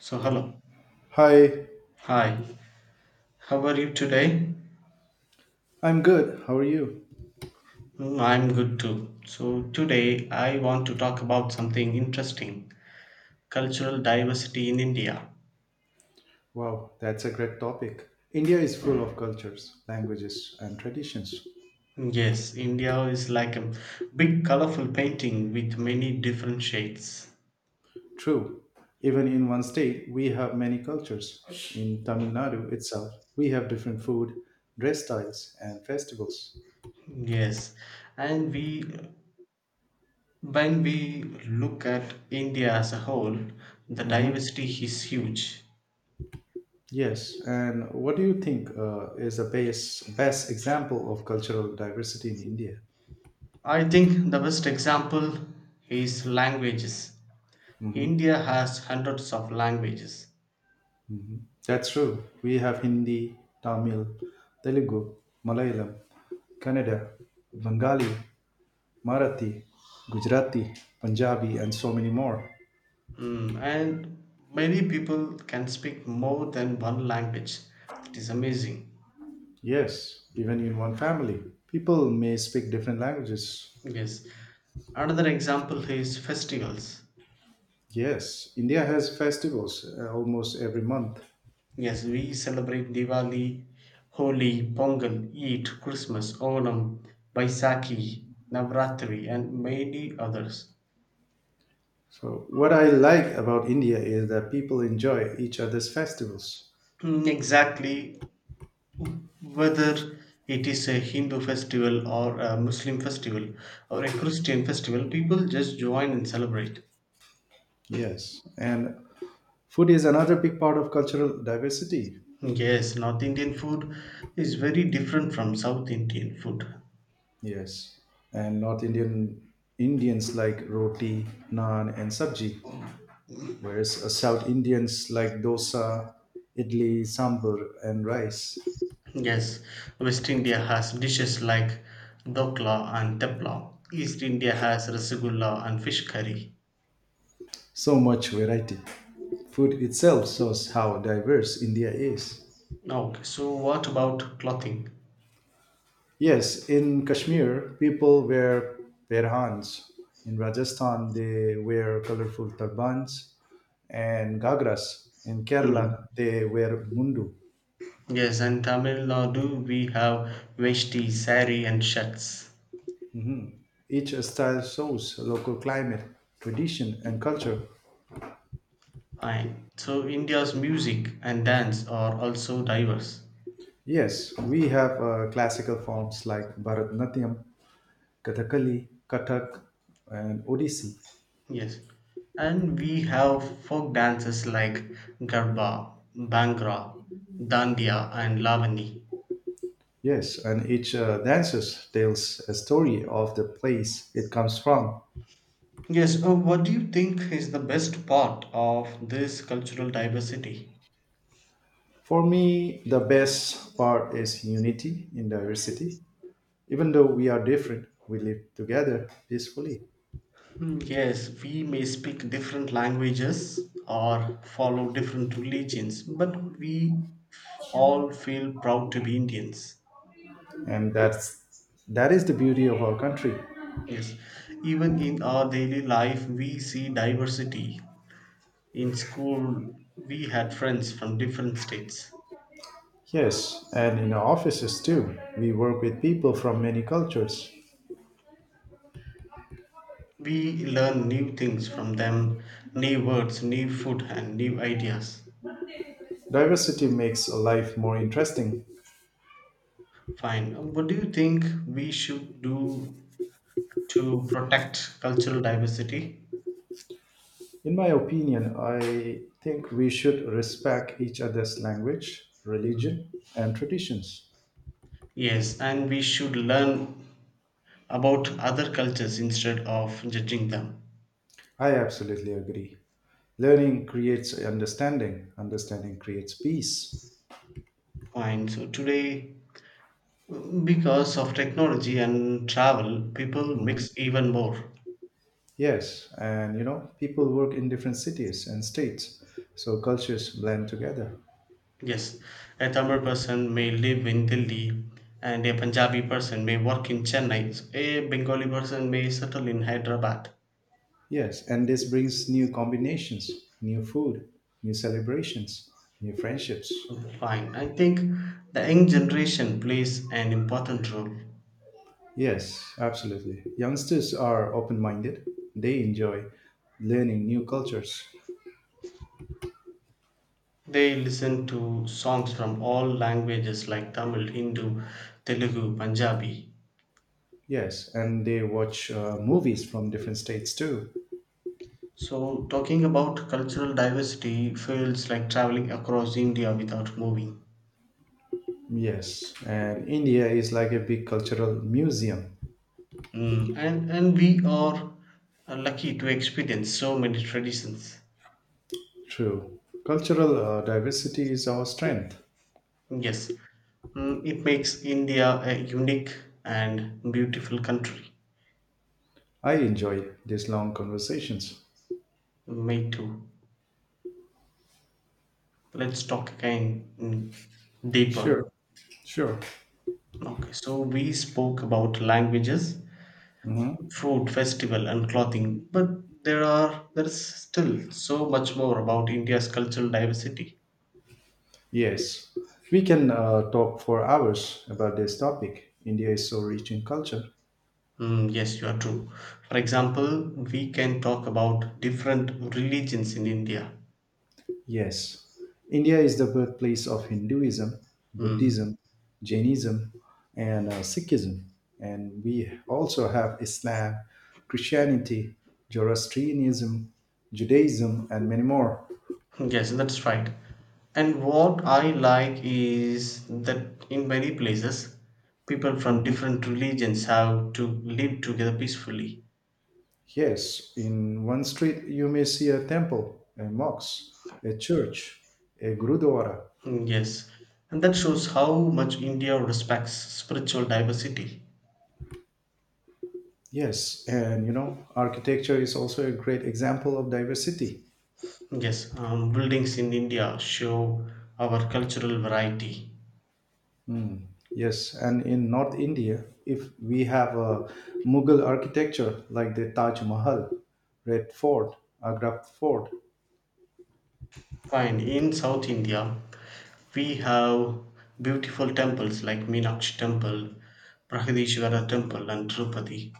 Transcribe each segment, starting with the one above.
So, hello. Hi, Hi. How are you today? I'm good. How are you? I'm good too. So, today I want to talk about something interesting cultural diversity in India. Wow, that's a great topic. India is full of cultures, languages, and traditions. Yes, India is like a big colorful painting with many different shades. True. Even in one state, we have many cultures. In Tamil Nadu itself, we have different food, dress styles, and festivals. Yes, and we when we look at India as a whole, the Mm-hmm. diversity is huge. Yes, and what do you think is the best example of cultural diversity in India? I think the best example is languages. India has hundreds of languages. That's true. We have Hindi, Tamil, Telugu, Malayalam, Kannada, Bengali, Marathi, Gujarati, Punjabi, and so many more. And many people can speak more than one language. That is amazing. Yes, even in one family, people may speak different languages. Yes. Another example is festivals. Yes, India has festivals almost every month. Yes, we celebrate Diwali, Holi, Pongal, Eid, Christmas, Onam, Baisakhi, Navratri, and many others. So, what I like about India is that people enjoy each other's festivals. Mm, exactly. Whether it is a Hindu festival or a Muslim festival or a Christian festival, people just join and celebrate. Yes, and food is another big part of cultural diversity. Yes, North Indian food is very different from South Indian food. Yes, and North Indian Indians like roti, naan, and sabji, whereas South Indians like dosa, idli, sambar, and rice. Yes, West India has dishes like dokla and tepla. East India has rasgulla and fish curry. So much variety. Food itself shows how diverse India is. Okay, so what about clothing? Yes, in Kashmir, people wear perhans. In Rajasthan, they wear colorful turbans and gagras. In Hmm. Kerala, they wear mundu. Yes, in Tamil Nadu we have veshti, sari, and shirts. Each style shows local climate, tradition, and culture. Fine. So India's music and dance are also diverse. Yes, we have classical forms like Bharatanatyam, Kathakali, Kathak, and Odissi. Yes. And we have folk dances like Garba, Bhangra, Dandiya and Lavani. Yes, and each dances tells a story of the place it comes from. Yes, what do you think is the best part of this cultural diversity? For me, the best part is unity in diversity. Even though we are different, we live together peacefully, Hmm, yes, we may speak different languages or follow different religions, but we all feel proud to be Indians. and that is the beauty of our country. Yes, even in our daily life, we see diversity. In school, we had friends from different states. Yes, and in our offices too, we work with people from many cultures. We learn new things from them, new words, new food, and new ideas. Diversity makes life more interesting. Fine. What do you think we should do to protect cultural diversity? In my opinion, I think we should respect each other's language, Mm. religion, and traditions. Yes, and we should learn about other cultures instead of judging them. I absolutely agree. Learning creates understanding, understanding creates peace. Fine. So today, because of technology and travel, people Mhm. mix even more. Yes, and you know, people work in different cities and states, so cultures blend together. Yes, a Tamil person may live in Delhi and a Punjabi person may work in Chennai. A Bengali person may settle in Hyderabad. Yes, and this brings new combinations, new food, new celebrations, new friendships. Fine. I think the young generation plays an important role. Yes, absolutely. Youngsters are open minded. They enjoy learning new cultures. They listen to songs from all languages like Tamil, Hindu, Telugu, Punjabi. Yes, and they watch movies from different states too. So, talking about cultural diversity feels like traveling across India without moving. Yes, and India is like a big cultural museum. And we are lucky to experience so many traditions. True. Cultural diversity is our strength. Yes, it makes India a unique and beautiful country. I enjoy these long conversations. Me too. Let's talk again deeper. Sure, sure. Okay, so we spoke about languages, Mhm. food, festival, and clothing, but there is still so much more about India's cultural diversity. Yes, we can talk for hours about this topic. India is so rich in culture. Mm, yes, you are true. For example, we can talk about different religions in India. Yes, India is the birthplace of Hinduism, Mm, Buddhism, Jainism, and Sikhism. And we also have Islam, Christianity, Zoroastrianism, Judaism, and many more. yes, that's right. And what I like is that in many places, people from Mhm. different religions have to live together peacefully. Yes, in one street you may see a temple, a mosque, a church, a gurudwara. Mm, yes, and that shows how much India respects spiritual diversity. Yes, and you know, architecture is also a great example of diversity. Yes, buildings in India show our cultural variety. Mm, Yes, and in North India, if we have a Mughal architecture like the Taj Mahal, Red Fort, Agra Fort, Fine. In South India, we have beautiful temples like Meenakshi Temple, Brahadishvara Temple, and Tirupati.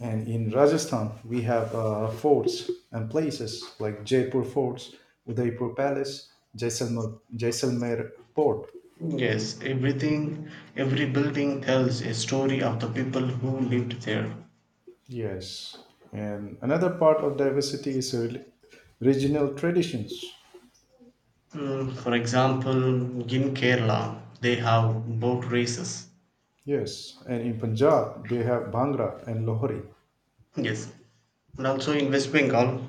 and in Rajasthan we have forts and places like Jaipur Forts, Udaipur Palace, Jaisalmer, Jaisalmer Port. Yes, every building tells a story of the people who lived there. Yes, and another part of diversity is regional traditions. For example, in Kerala, they have boat races. Yes, and in Punjab they have Bhangra and Lohri. Yes, and also in West Bengal,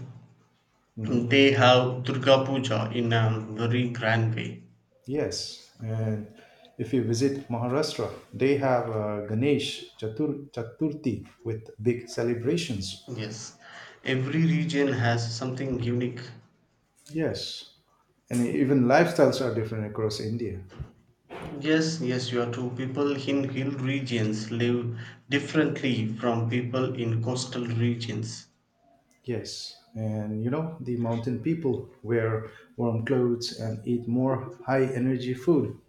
Mm-hmm. they have Durga Puja in a very grand way. Yes, and if you visit Maharashtra, they have Ganesh Chaturthi with big celebrations. Yes, every region has something unique. Yes, and even lifestyles are different across India. Yes, yes, you are true. People in hill regions live differently from people in coastal regions. Yes, and you know, the mountain people wear warm clothes and eat more high energy food.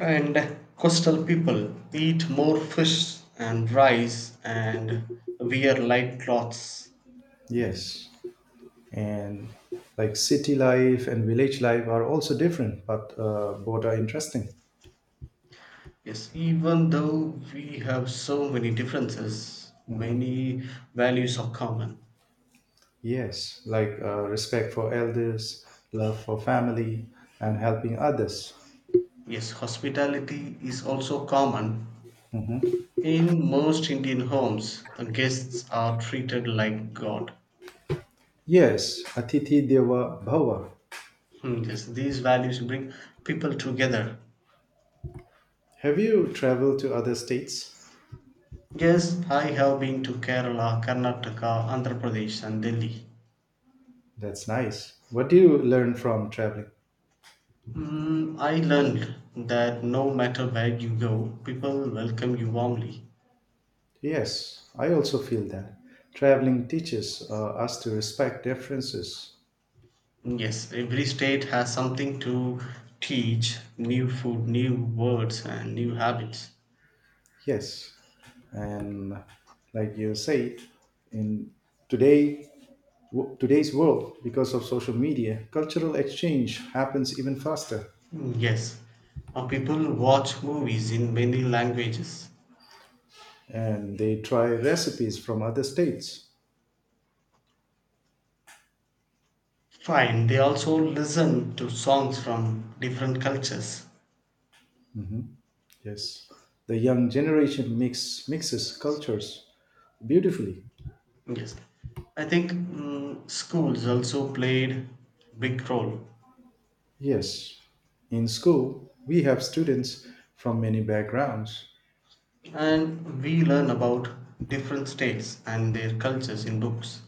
And coastal people eat more fish and rice and wear light clothes. Yes, and like city life and village life are also different, but both are interesting. Yes, even though we have so many differences, Hmm. many values are common. Yes, like respect for elders, love for family, and helping others. Yes, hospitality is also common. Mhm. In most Indian homes, guests are treated like God. Yes, Atithi Deva Bhava. Hmm, yes, these values bring people together. Have you traveled to other states? Yes, I have been to Kerala, Karnataka, Andhra Pradesh, and Delhi. That's nice. What do you learn from traveling? I learned that no matter where you go, people welcome you warmly. Yes, I also feel that. Traveling teaches us to respect differences. Yes, every state has something to teach new food, new words, and new habits. Yes, and like you say, in today, today's world, because of social media, cultural exchange happens even faster. Mm, yes, people watch movies in many languages. And they try recipes from other states. Fine, they also listen to songs from different cultures. Yes. The young generation mixes cultures beautifully. Yes, I think schools also played big role, Yes, in school, we have students from many backgrounds. and we learn about different states and their cultures in books.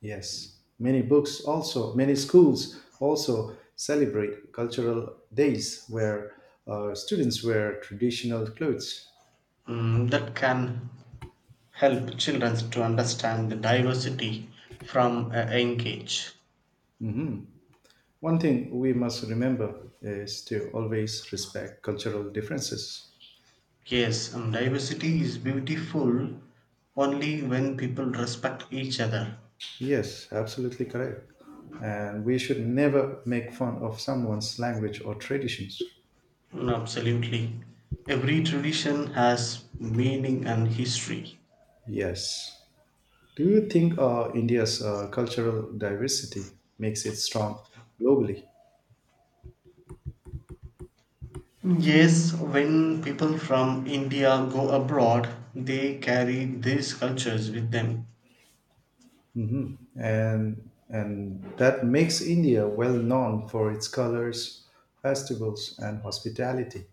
Yes, many books also, many schools also celebrate cultural days where students wear traditional clothes. That can help children to understand the diversity from a young age. Mhm. One thing we must remember is to always respect cultural differences. Yes, diversity is beautiful only when people respect each other. Yes, absolutely correct. And we should never make fun of someone's language or traditions. Absolutely, every tradition has meaning and history. Yes. Do you think India's cultural diversity makes it strong globally? Yes, when people from India go abroad, they carry these cultures with them. Hmm. And that makes India well known for its colors, festivals, and hospitality.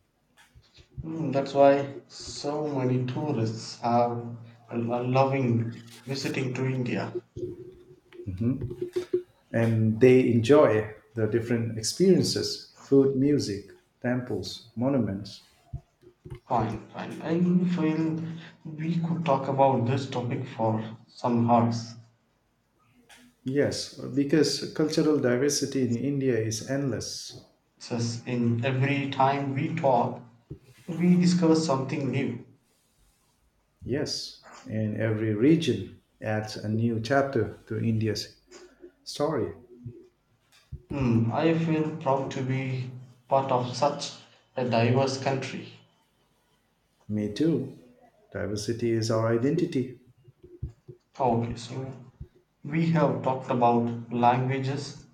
That's why so many tourists are loving visiting to India. Mhm. And they enjoy the different experiences: food, music, temples, monuments. Fine, fine. I feel we could talk about this topic for some hours. Yes, because cultural diversity in India is endless. Since in every time we talk, we discover something new. Yes, and every region adds a new chapter to India's story. I feel proud to be part of such a diverse country. Me too. Diversity is our identity. Okay, so we have talked about languages,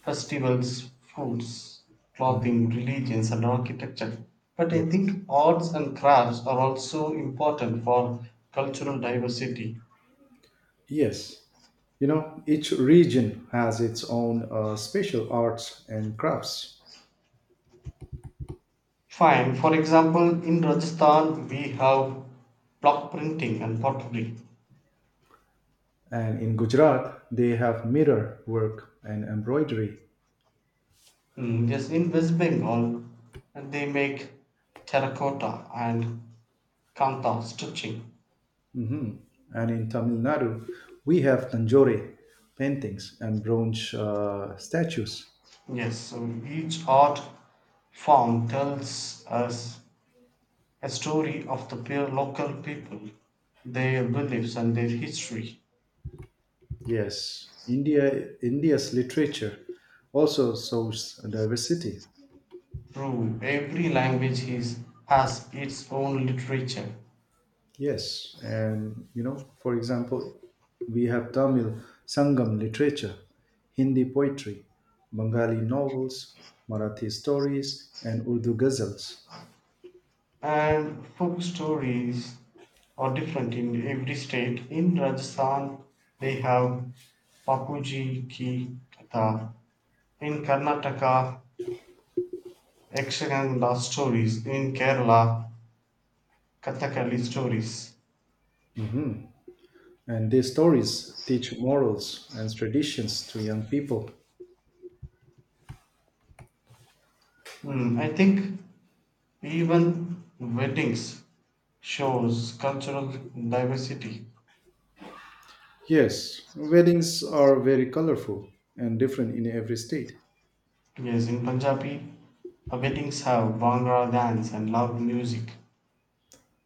festivals, foods, Mhm. clothing, religions, and architecture. But I Yes. think arts and crafts are also important for cultural diversity. Yes. You know, each region has its own special arts and crafts. Fine, for example, in Rajasthan we have block printing and pottery. And in Gujarat, they have mirror work and embroidery. Mm, yes, in West Bengal they make terracotta and kanta stitching. Mhm. And in Tamil Nadu, we have Tanjore paintings and bronze statues. Yes, so each art form tells us a story of the local people, their beliefs, and their history. Yes, India India's literature also shows diversity. True, every language has its own literature, Yes, and you know, for example, we have Tamil Sangam literature, Hindi poetry, Bengali novels, Marathi stories, and Urdu ghazals. and folk stories are different in every state. In Rajasthan, they have Papuji ki Katha. In Karnataka, Ekshaganga stories. In Kerala, Kathakali stories. And these stories teach morals and traditions to young people. I think even weddings shows cultural diversity. Yes, weddings are very colorful and different in every state. Yes, in Punjabi, weddings have Bhangra dance and loud music.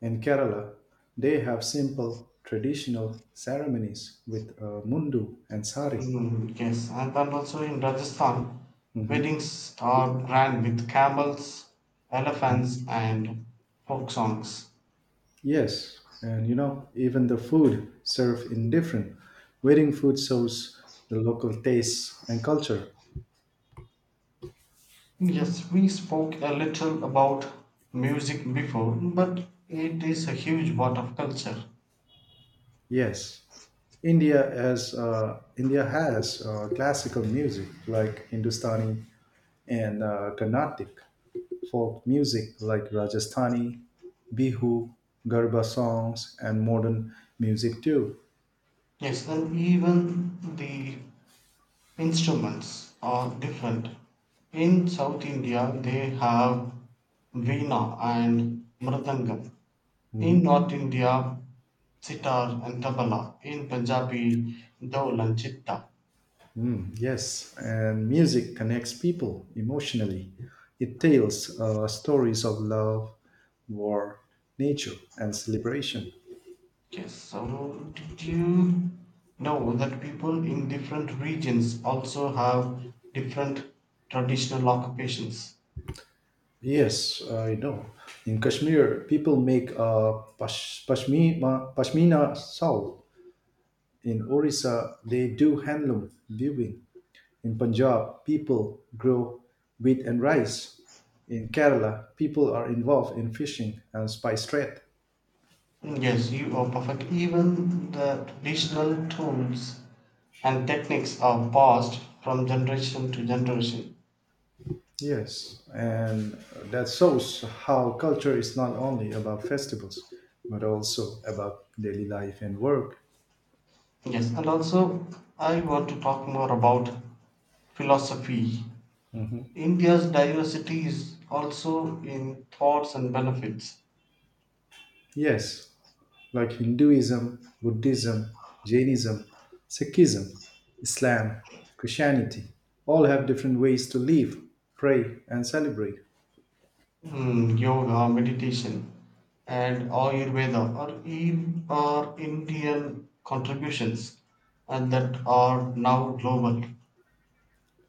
In Kerala, they have simple traditional ceremonies with mundu and sari. Hmm, yes, and then also in Rajasthan, Mhm. weddings are ran with camels, elephants, and folk songs. Yes, and you know, even the food served in different. Wedding food shows the local tastes and culture. Yes, we spoke a little about music before, but it is a huge part of culture. Yes, India has classical music like Hindustani and Carnatic, folk music like Rajasthani, Bihu, Garba songs, and modern music too. Yes, and even the Instruments are different. In South India they have veena and mridangam. In Mhm. North India, sitar and tabla. In Punjabi, dol and chitta. Yes, and music connects people emotionally. It tells stories of love, war, nature, and celebration. Yes, so did you know that people in different regions also have different traditional occupations? Yes, I know. In Kashmir, people make a pashmina shawl. In Orissa, they do handloom weaving. In Punjab, people grow wheat and rice. In Kerala, people are involved in fishing and spice trade. Yes, you are perfect. Even the traditional tools and techniques are passed from generation to generation. Yes, and that shows how culture is not only about festivals, but also about daily life and work. Yes, and also I want to talk more about philosophy. India's diversity is also in thoughts and benefits. Yes, like Hinduism, Buddhism, Jainism, Sikhism, Islam, Christianity, all have different ways to live, pray, and celebrate. Yoga, meditation, and Ayurveda are Indian contributions and that are now global.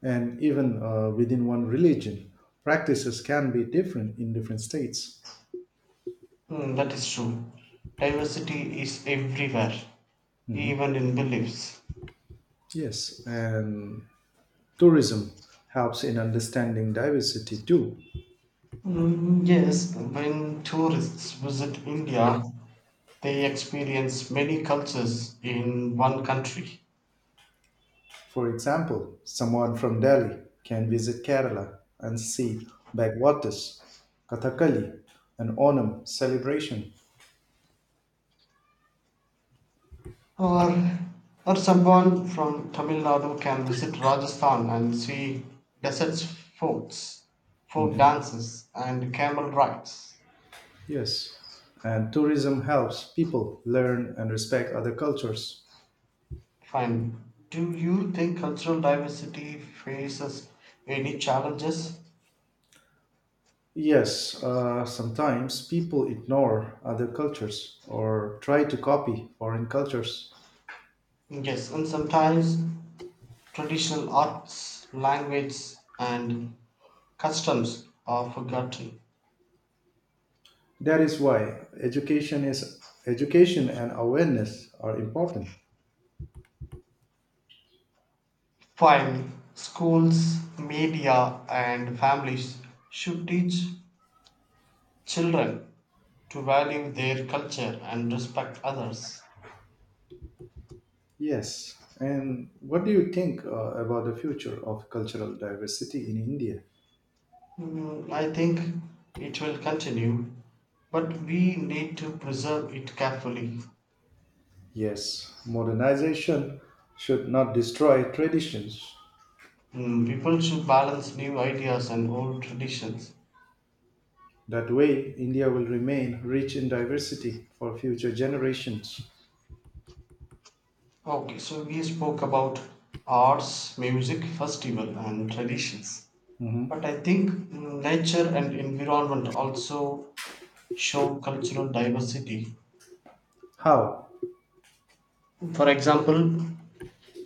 And even within one religion, practices can be different in different states. That is true. Diversity is everywhere, even in beliefs. Yes, and tourism helps in understanding diversity too. Mm, yes, when tourists visit India, they experience many cultures in one country. For example, someone from Delhi can visit Kerala and see backwaters, Kathakali, and Onam celebration. Or, or someone from Tamil Nadu can visit Rajasthan and see desert forts, folk Mhm. dances, and camel rides. Yes. And tourism helps people learn and respect other cultures. Fine. Do you think cultural diversity faces any challenges? Yes, sometimes people ignore other cultures or try to copy foreign cultures. Yes, and sometimes traditional arts, language, and customs are forgotten. That is why education and awareness are important. While schools, media, and families should teach children to value their culture and respect others. Yes. And what do you think about the future of cultural diversity in India? I think it will continue, but we need to preserve it carefully. Yes, modernization should not destroy traditions. People should balance new ideas and old traditions. That way, India will remain rich in diversity for future generations. Okay, so we spoke about arts, music, festival, and traditions. But Mhm. I think nature and environment also show cultural diversity. How? For example,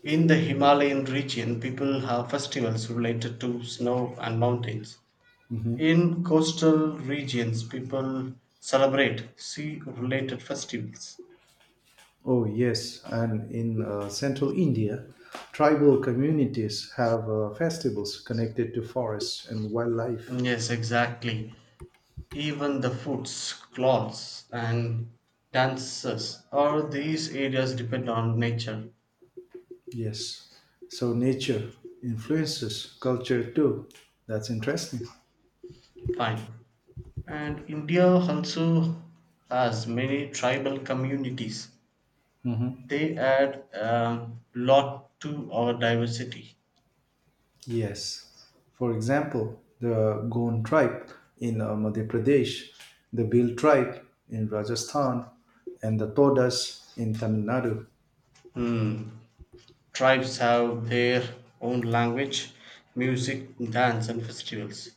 in the Himalayan region, people have festivals related to snow and mountains. Mhm. In coastal regions, people celebrate sea related festivals. Oh, yes. And in central India, tribal communities have festivals connected to forests and wildlife. Yes, exactly. Even the foods, clothes, and dances all these areas depend on nature. Yes. So nature influences culture too. That's interesting. Fine. And India also has many tribal communities. Mhm. They add a lot to our diversity. Yes. For example, the Gond tribe in Madhya Pradesh, the Bill tribe in Rajasthan, and the Todas in Tamil Nadu. Tribes have their own language, music, dance, and festivals.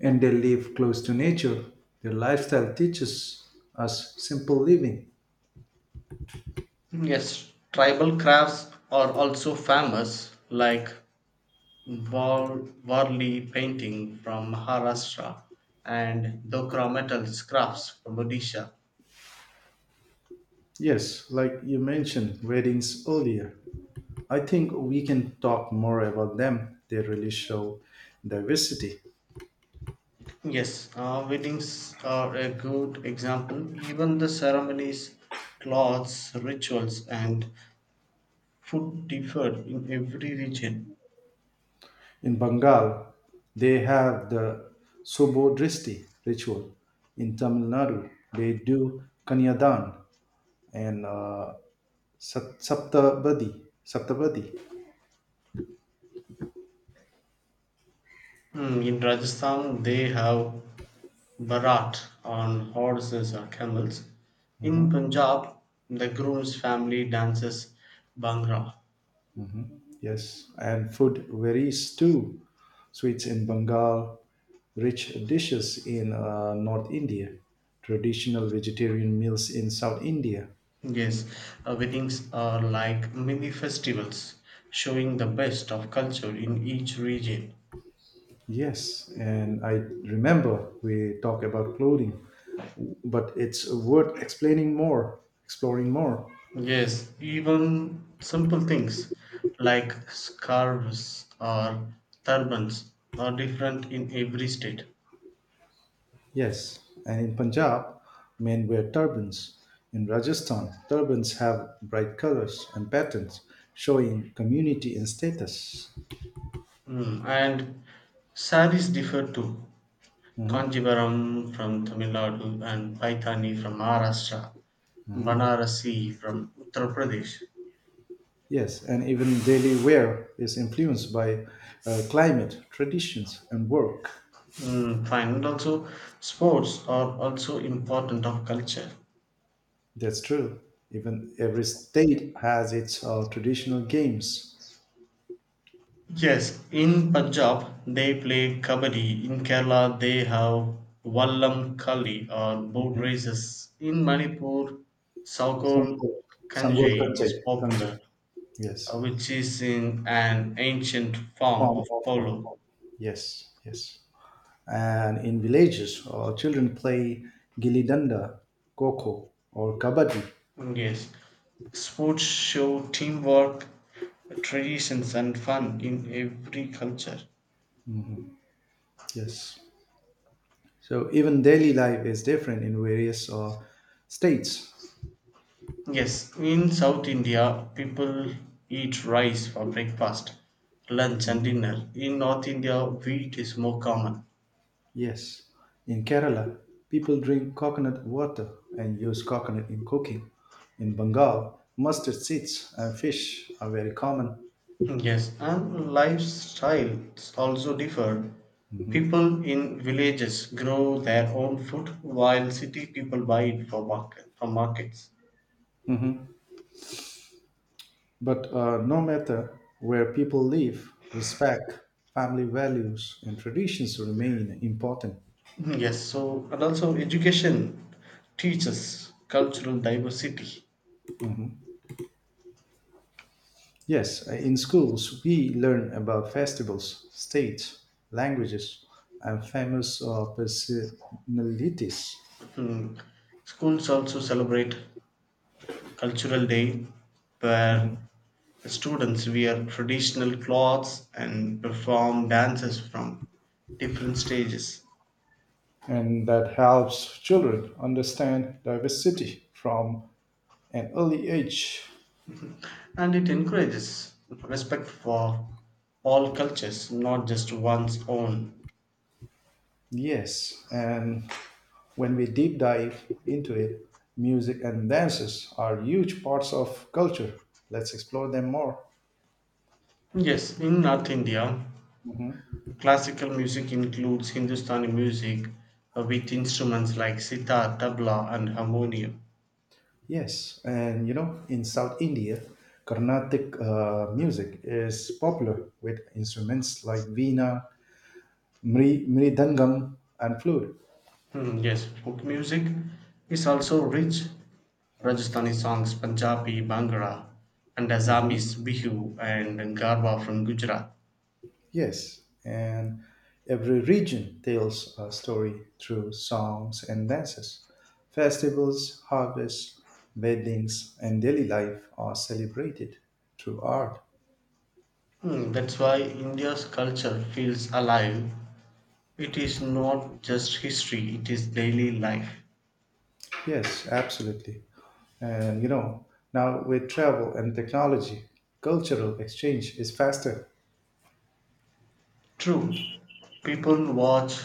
And they live close to nature. Their lifestyle teaches us simple living. Yes, tribal crafts are also famous, like War, Warli painting from Maharashtra and Dokra metal crafts from Odisha. Yes, like you mentioned, weddings earlier. I think we can talk more about them. They really show diversity. Yes, weddings are a good example. Even the ceremonies, cloths, rituals, and food differ in every region. In Bengal, they have the Subodristi ritual. In Tamil Nadu, they do Kanyadan and Saptabadi. In Rajasthan, they have Bharat on horses or camels. In Mhm. Punjab, the groom's family dances Bhangra. Yes, and food varies too. Sweets in Bengal, rich dishes in North India, traditional vegetarian meals in South India. Yes, weddings are like mini festivals showing the best of culture in each region. Yes, and I remember we talk about clothing, but it's worth exploring more. Yes, even simple things like scarves or turbans are different in every state. Yes, and in Punjab, men wear turbans. In Rajasthan, turbans have bright colors and patterns, showing community and status. And saris differ too. Mhm, Kanjivaram from Tamil Nadu and Paithani from Maharashtra, mhm. Banarasi from Uttar Pradesh. Yes, and even daily wear is influenced by climate, traditions, and work. Mm, fine. And also, sports are also important of culture. That's true. Even every state has its traditional games. Yes, in Punjab they play kabaddi. In Kerala they have Vallam Kali or boat Mhm. races. In Manipur, Saukol Sangol, Sangol Kanjai Kanchai. is Kanchai. popular, Yes. Which is in an ancient form Form of of polo. yes, yes. And in villages, children play gilli danda, coco, or kabaddi. Mm, yes, sports show teamwork, traditions, and fun in every culture. Yes. So even daily life is different in various states. Yes, in South India, people eat rice for breakfast, lunch, and dinner. In North India, wheat is more common. Yes. In Kerala, people drink coconut water and use coconut in cooking. In Bengal, mustard seeds and fish are very common. Yes, and lifestyles also differ. Mhm. People in villages grow their own food while city people buy it from markets. Mhm. But no matter where people live, respect, family values, and traditions remain important. Yes, so and also education teaches cultural diversity. Mhm. Yes, in schools, we learn about festivals, states, languages, and famous personalities. Hmm. Schools also celebrate cultural day where Mhm. students wear traditional clothes and perform dances from different stages, And that helps children understand diversity from an early age. and it encourages respect for all cultures, not just one's own. Yes, and when we deep dive into it, music and dances are huge parts of culture. Let's explore them more. Yes, in North India Mhm. classical music includes Hindustani music, with instruments like sitar, tabla and harmonium. Yes, and you know, in South India, Carnatic music is popular with instruments like veena, mridangam, and flute. Hmm, yes, folk music is also rich. Rajasthani songs, Punjabi, Bhangra, and Mhm. Assamese Bihu and Garba from Gujarat. Yes, and every region tells a story through songs and dances. Festivals, harvests, weddings, and daily life are celebrated through art. That's why India's culture feels alive. It is not just history, it is daily life. Yes, absolutely. And you know, now with travel and technology, cultural exchange is faster. True, people watch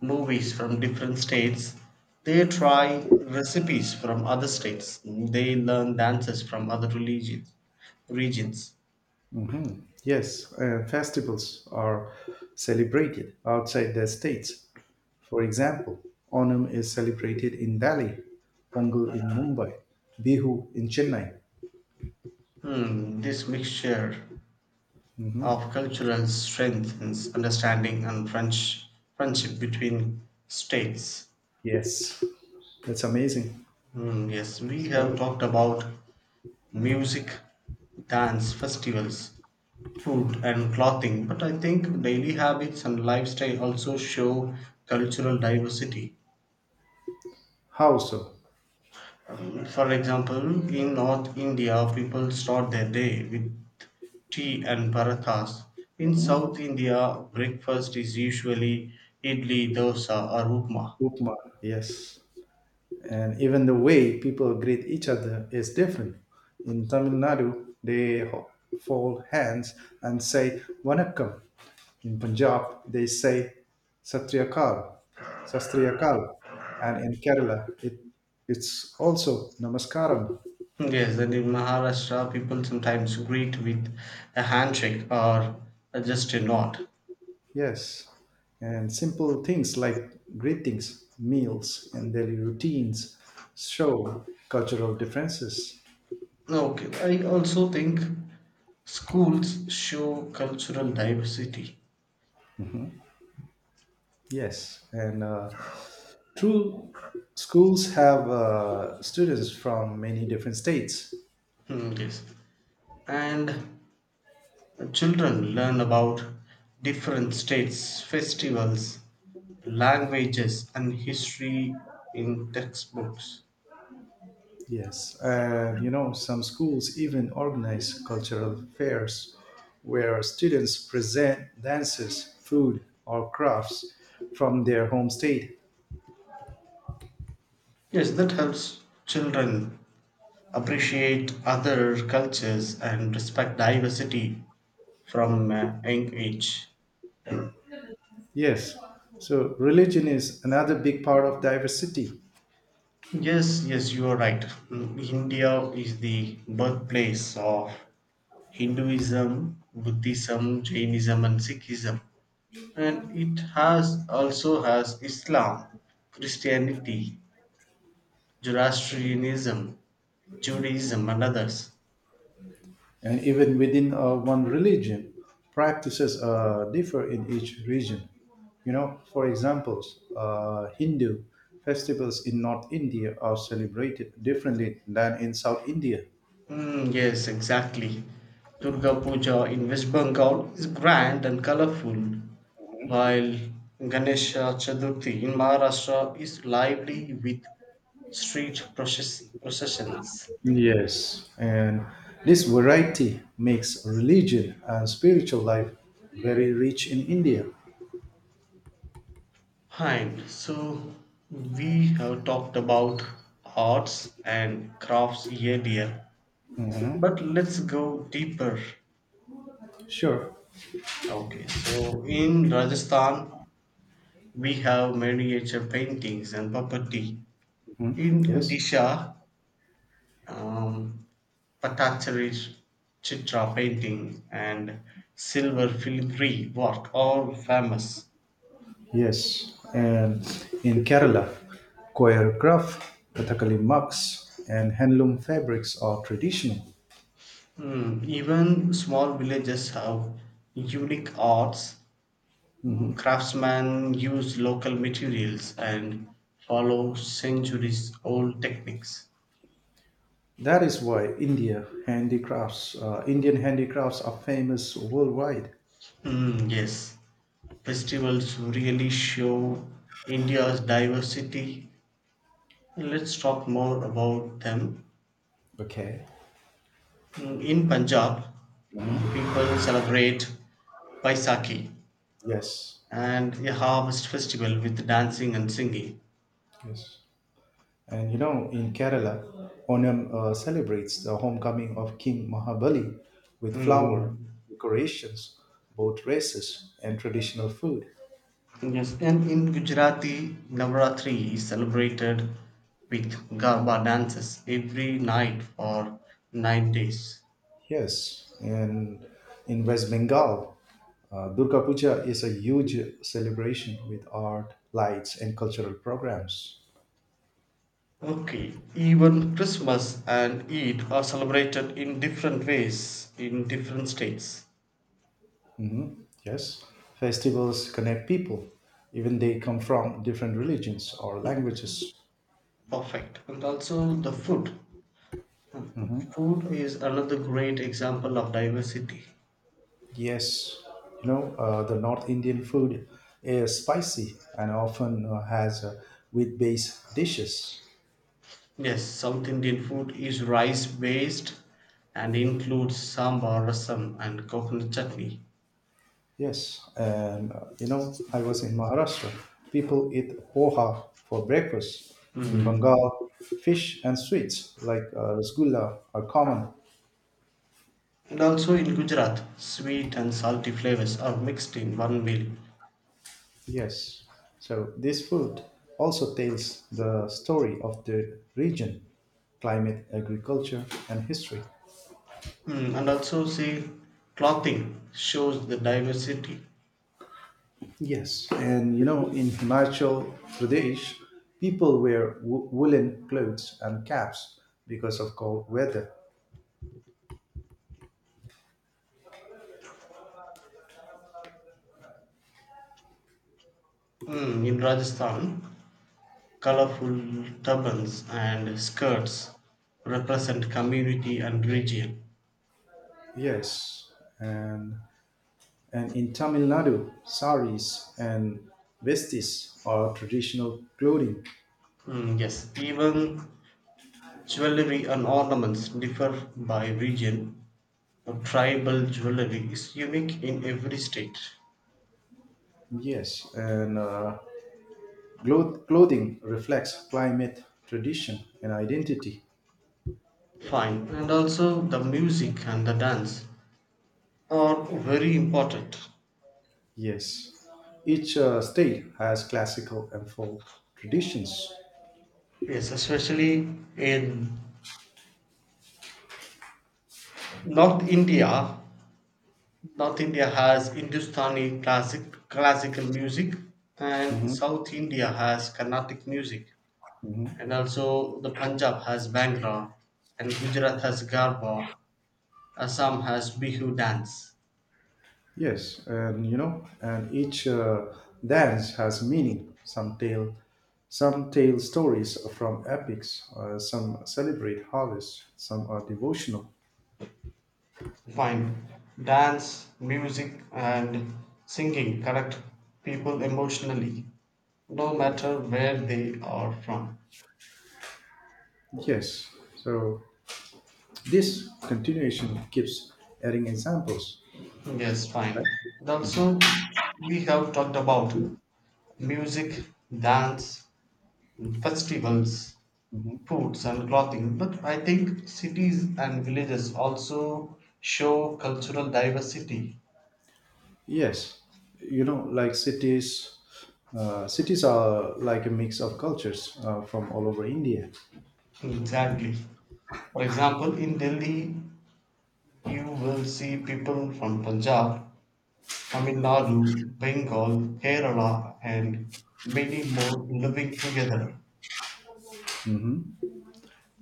movies from different states. They try recipes from other states. They learn dances from other religions. Regions. Mhm. Yes, and festivals are celebrated outside their states. For example, Onam is celebrated in Delhi, Pongal in Mumbai, Bihu in Chennai. This mixture of cultural strengthens understanding and French friendship between states. Yes, that's amazing. Hmm, yes, we have So, talked about music, dance, festivals, food, and clothing, but I think daily habits and lifestyle also show cultural diversity. how so? For example, in North India, people start their day with tea and parathas. In South India, breakfast is usually idli, dosa, or upma. Upma, yes. And even the way people greet each other is different. In Tamil Nadu, they fold hands and say Vanakkam. In Punjab, they say Satriyakal, Sastriyakal. And in Kerala, it's also Namaskaram. Yes, and in Maharashtra, people sometimes greet with a handshake or just a nod. Yes, and simple things like greetings, meals, and daily routines show cultural differences. Okay, I also think schools show cultural diversity. Yes, and true schools have students from many different states. Hmm, yes, and Children learn about different states, festivals, languages, and history in textbooks. Yes, and you know, some schools even organize cultural fairs where students present dances, food, or crafts from their home state. Yes, that helps children appreciate other cultures and respect diversity from a young age. Yes. So religion is another big part of diversity. Yes, you are right. India is the birthplace of Hinduism, Buddhism, Jainism, and Sikhism. And it has also has Islam, Christianity, Zoroastrianism, Judaism, and others. And even within one religion, practices differ in each region. You know, for examples, Hindu festivals in North India are celebrated differently than in South India. Yes, exactly. Durga Puja in West Bengal is grand and colorful, while Ganesha Chaturthi in Maharashtra is lively with processions. Yes. And this variety makes religion and spiritual life very rich in India. Fine. So we have talked about arts and crafts earlier. Mhm. But let's go deeper. Sure. Okay, so in Rajasthan, we have miniature paintings and puppetry. Mm. In Yes. Odisha, um, Patachari Chitra painting and silver filigree work, all famous. Yes, and in Kerala, coir craft, Kathakali mugs, and handloom fabrics are traditional. Hmm, even small villages have unique arts. Craftsmen use local materials and follow centuries old techniques. That is why Indian handicrafts are famous worldwide. Hmm, yes. Festivals really show India's diversity. Let's talk more about them. Okay. In Punjab, people celebrate Baisakhi Yes, and a harvest festival with dancing and singing. yes. And you know, in Kerala, Onam celebrates the homecoming of King Mahabali with flower, Mm, decorations, boat races, and traditional food. Yes, and in Gujarati, Navratri is celebrated with Garba dances every night for 9 days. Yes, and in West Bengal, Durga Puja is a huge celebration with art, lights, and cultural programs. Okay, even Christmas and Eid are celebrated in different ways in different states. Mhm. Yes, festivals connect people, even they come from different religions or languages. Perfect. And also the food. Mhm. Food is another great example of diversity. Yes, you know the North Indian food is spicy and often has wheat-based dishes. Yes, South Indian food is rice based and includes sambar, rasam, and coconut chutney. Yes, and you know, I was in Maharashtra. People eat poha for breakfast. In Mhm. Bengal, fish and sweets like rasgulla are common. And also in Gujarat, sweet and salty flavors are mixed in one meal. Yes, so this food also tells the story of the region, climate, agriculture, and history. And also, see, clothing shows the diversity. Yes, and you know, in Himachal Pradesh, people wear woolen clothes and caps because of cold weather. Hmm, in Rajasthan, colorful turbans and skirts represent community and region. Yes, and And in Tamil Nadu, saris and vestis are traditional clothing. Hmm, yes, even jewelry and ornaments differ by region. Tribal jewelry is unique in every state. Yes, and clothing reflects climate, tradition, and identity. Fine, and also the music and the dance are very important. Yes, each state has classical and folk traditions. Yes, especially in North India, North India has Hindustani classic classical music, and Mhm, South India has Carnatic music, mhm. and also the Punjab has Bhangra, and Gujarat has Garba, Assam has Bihu dance. Yes, and you know, and each dance has meaning. Some tell stories from epics. Some celebrate harvest. Some are devotional. Find dance, music, and singing connect people emotionally, no matter where they are from. Yes. So this continuation keeps adding examples. Yes, fine. And also, we have talked about music, dance, festivals, Mhm. foods, and clothing. But I think cities and villages also show cultural diversity. Yes. You know, like cities are like a mix of cultures from all over India. Exactly. For example, in Delhi, you will see people from Punjab, Tamil Nadu, Bengal, Kerala, and many more living together. Mhm.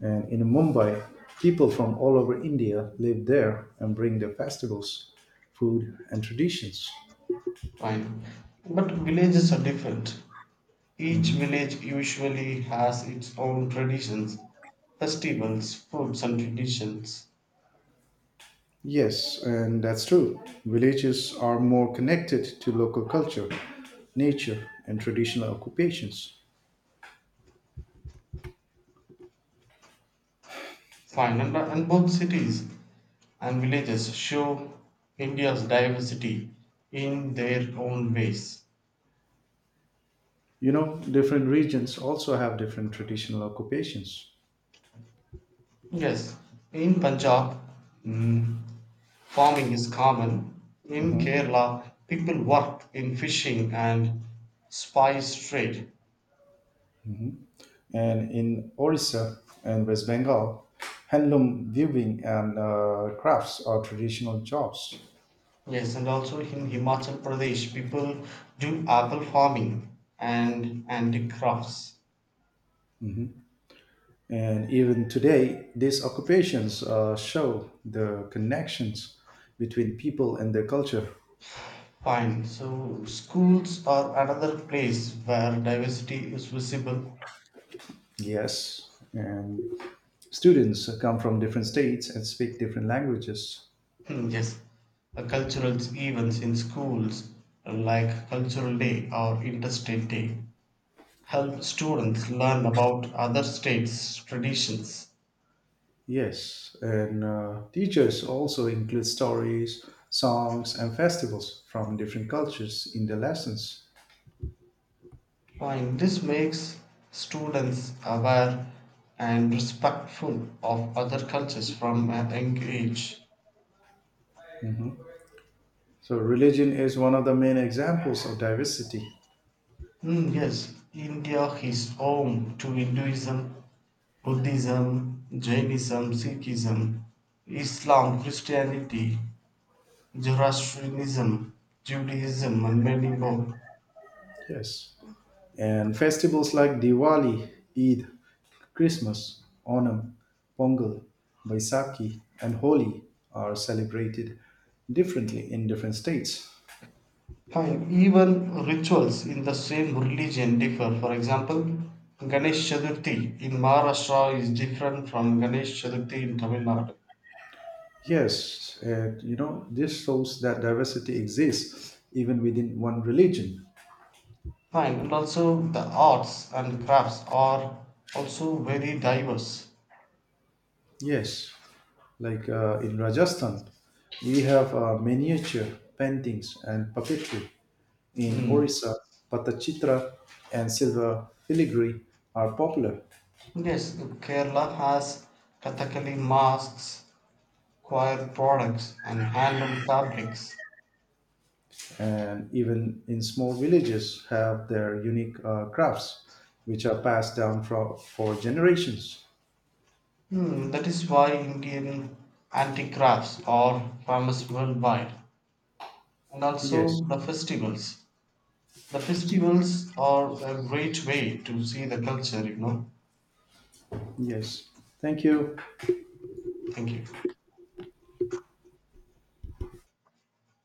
And in Mumbai, people from all over India live there and bring their festivals, food, and traditions. Fine. But villages are different. Each Mhm. village usually has its own traditions, festivals, foods, and traditions. Yes, and that's true. Villages are more connected to local culture, nature, and traditional occupations. Fine, and both cities and villages show India's diversity in their own ways. You know, different regions also have different traditional occupations. Yes, in Punjab, mm, farming is common. In Mhm. Kerala, people work in fishing and spice trade. And in Orissa and West Bengal, handloom weaving and crafts are traditional jobs. Yes, and also in Himachal Pradesh, people do apple farming and handicrafts. Mhm. And even today, these occupations show the connections between people and their culture. Fine, so schools are another place where diversity is visible. Yes, and students come from different states and speak different languages. Yes, cultural events in schools like Cultural Day or Interstate Day help students learn about other states' traditions. Yes, and teachers also include stories, songs, and festivals from different cultures in their lessons. And this makes students aware and respectful of other cultures from a young age. Mhm. So, religion is one of the main examples of diversity. Hmm, yes, India is home to Hinduism, Buddhism, Jainism, Sikhism, Islam, Christianity, Zoroastrianism, Judaism, and many more. Yes. And festivals like Diwali, Eid, Christmas, Onam, Pongal, Baisakhi, and Holi are celebrated differently in different states. Fine, even rituals in the same religion differ. For example, Ganesh Chaturthi in Maharashtra is different from Ganesh Chaturthi in Tamil Nadu. Yes, and you know, this shows that diversity exists even within one religion. Fine, and also the arts and crafts are also very diverse. Yes, like in Rajasthan, we have miniature paintings and puppetry. In Hmm. Orissa, patachitra and silver filigree are popular, Yes, Kerala has Kathakali masks, choir products, and handloom fabrics. and even in small villages have their unique crafts, which are passed down for generations. Hmm, that is why Indian antique crafts are famous worldwide. And Yes, also the festivals. The festivals are a great way to see the culture. yes. Thank you. Thank you.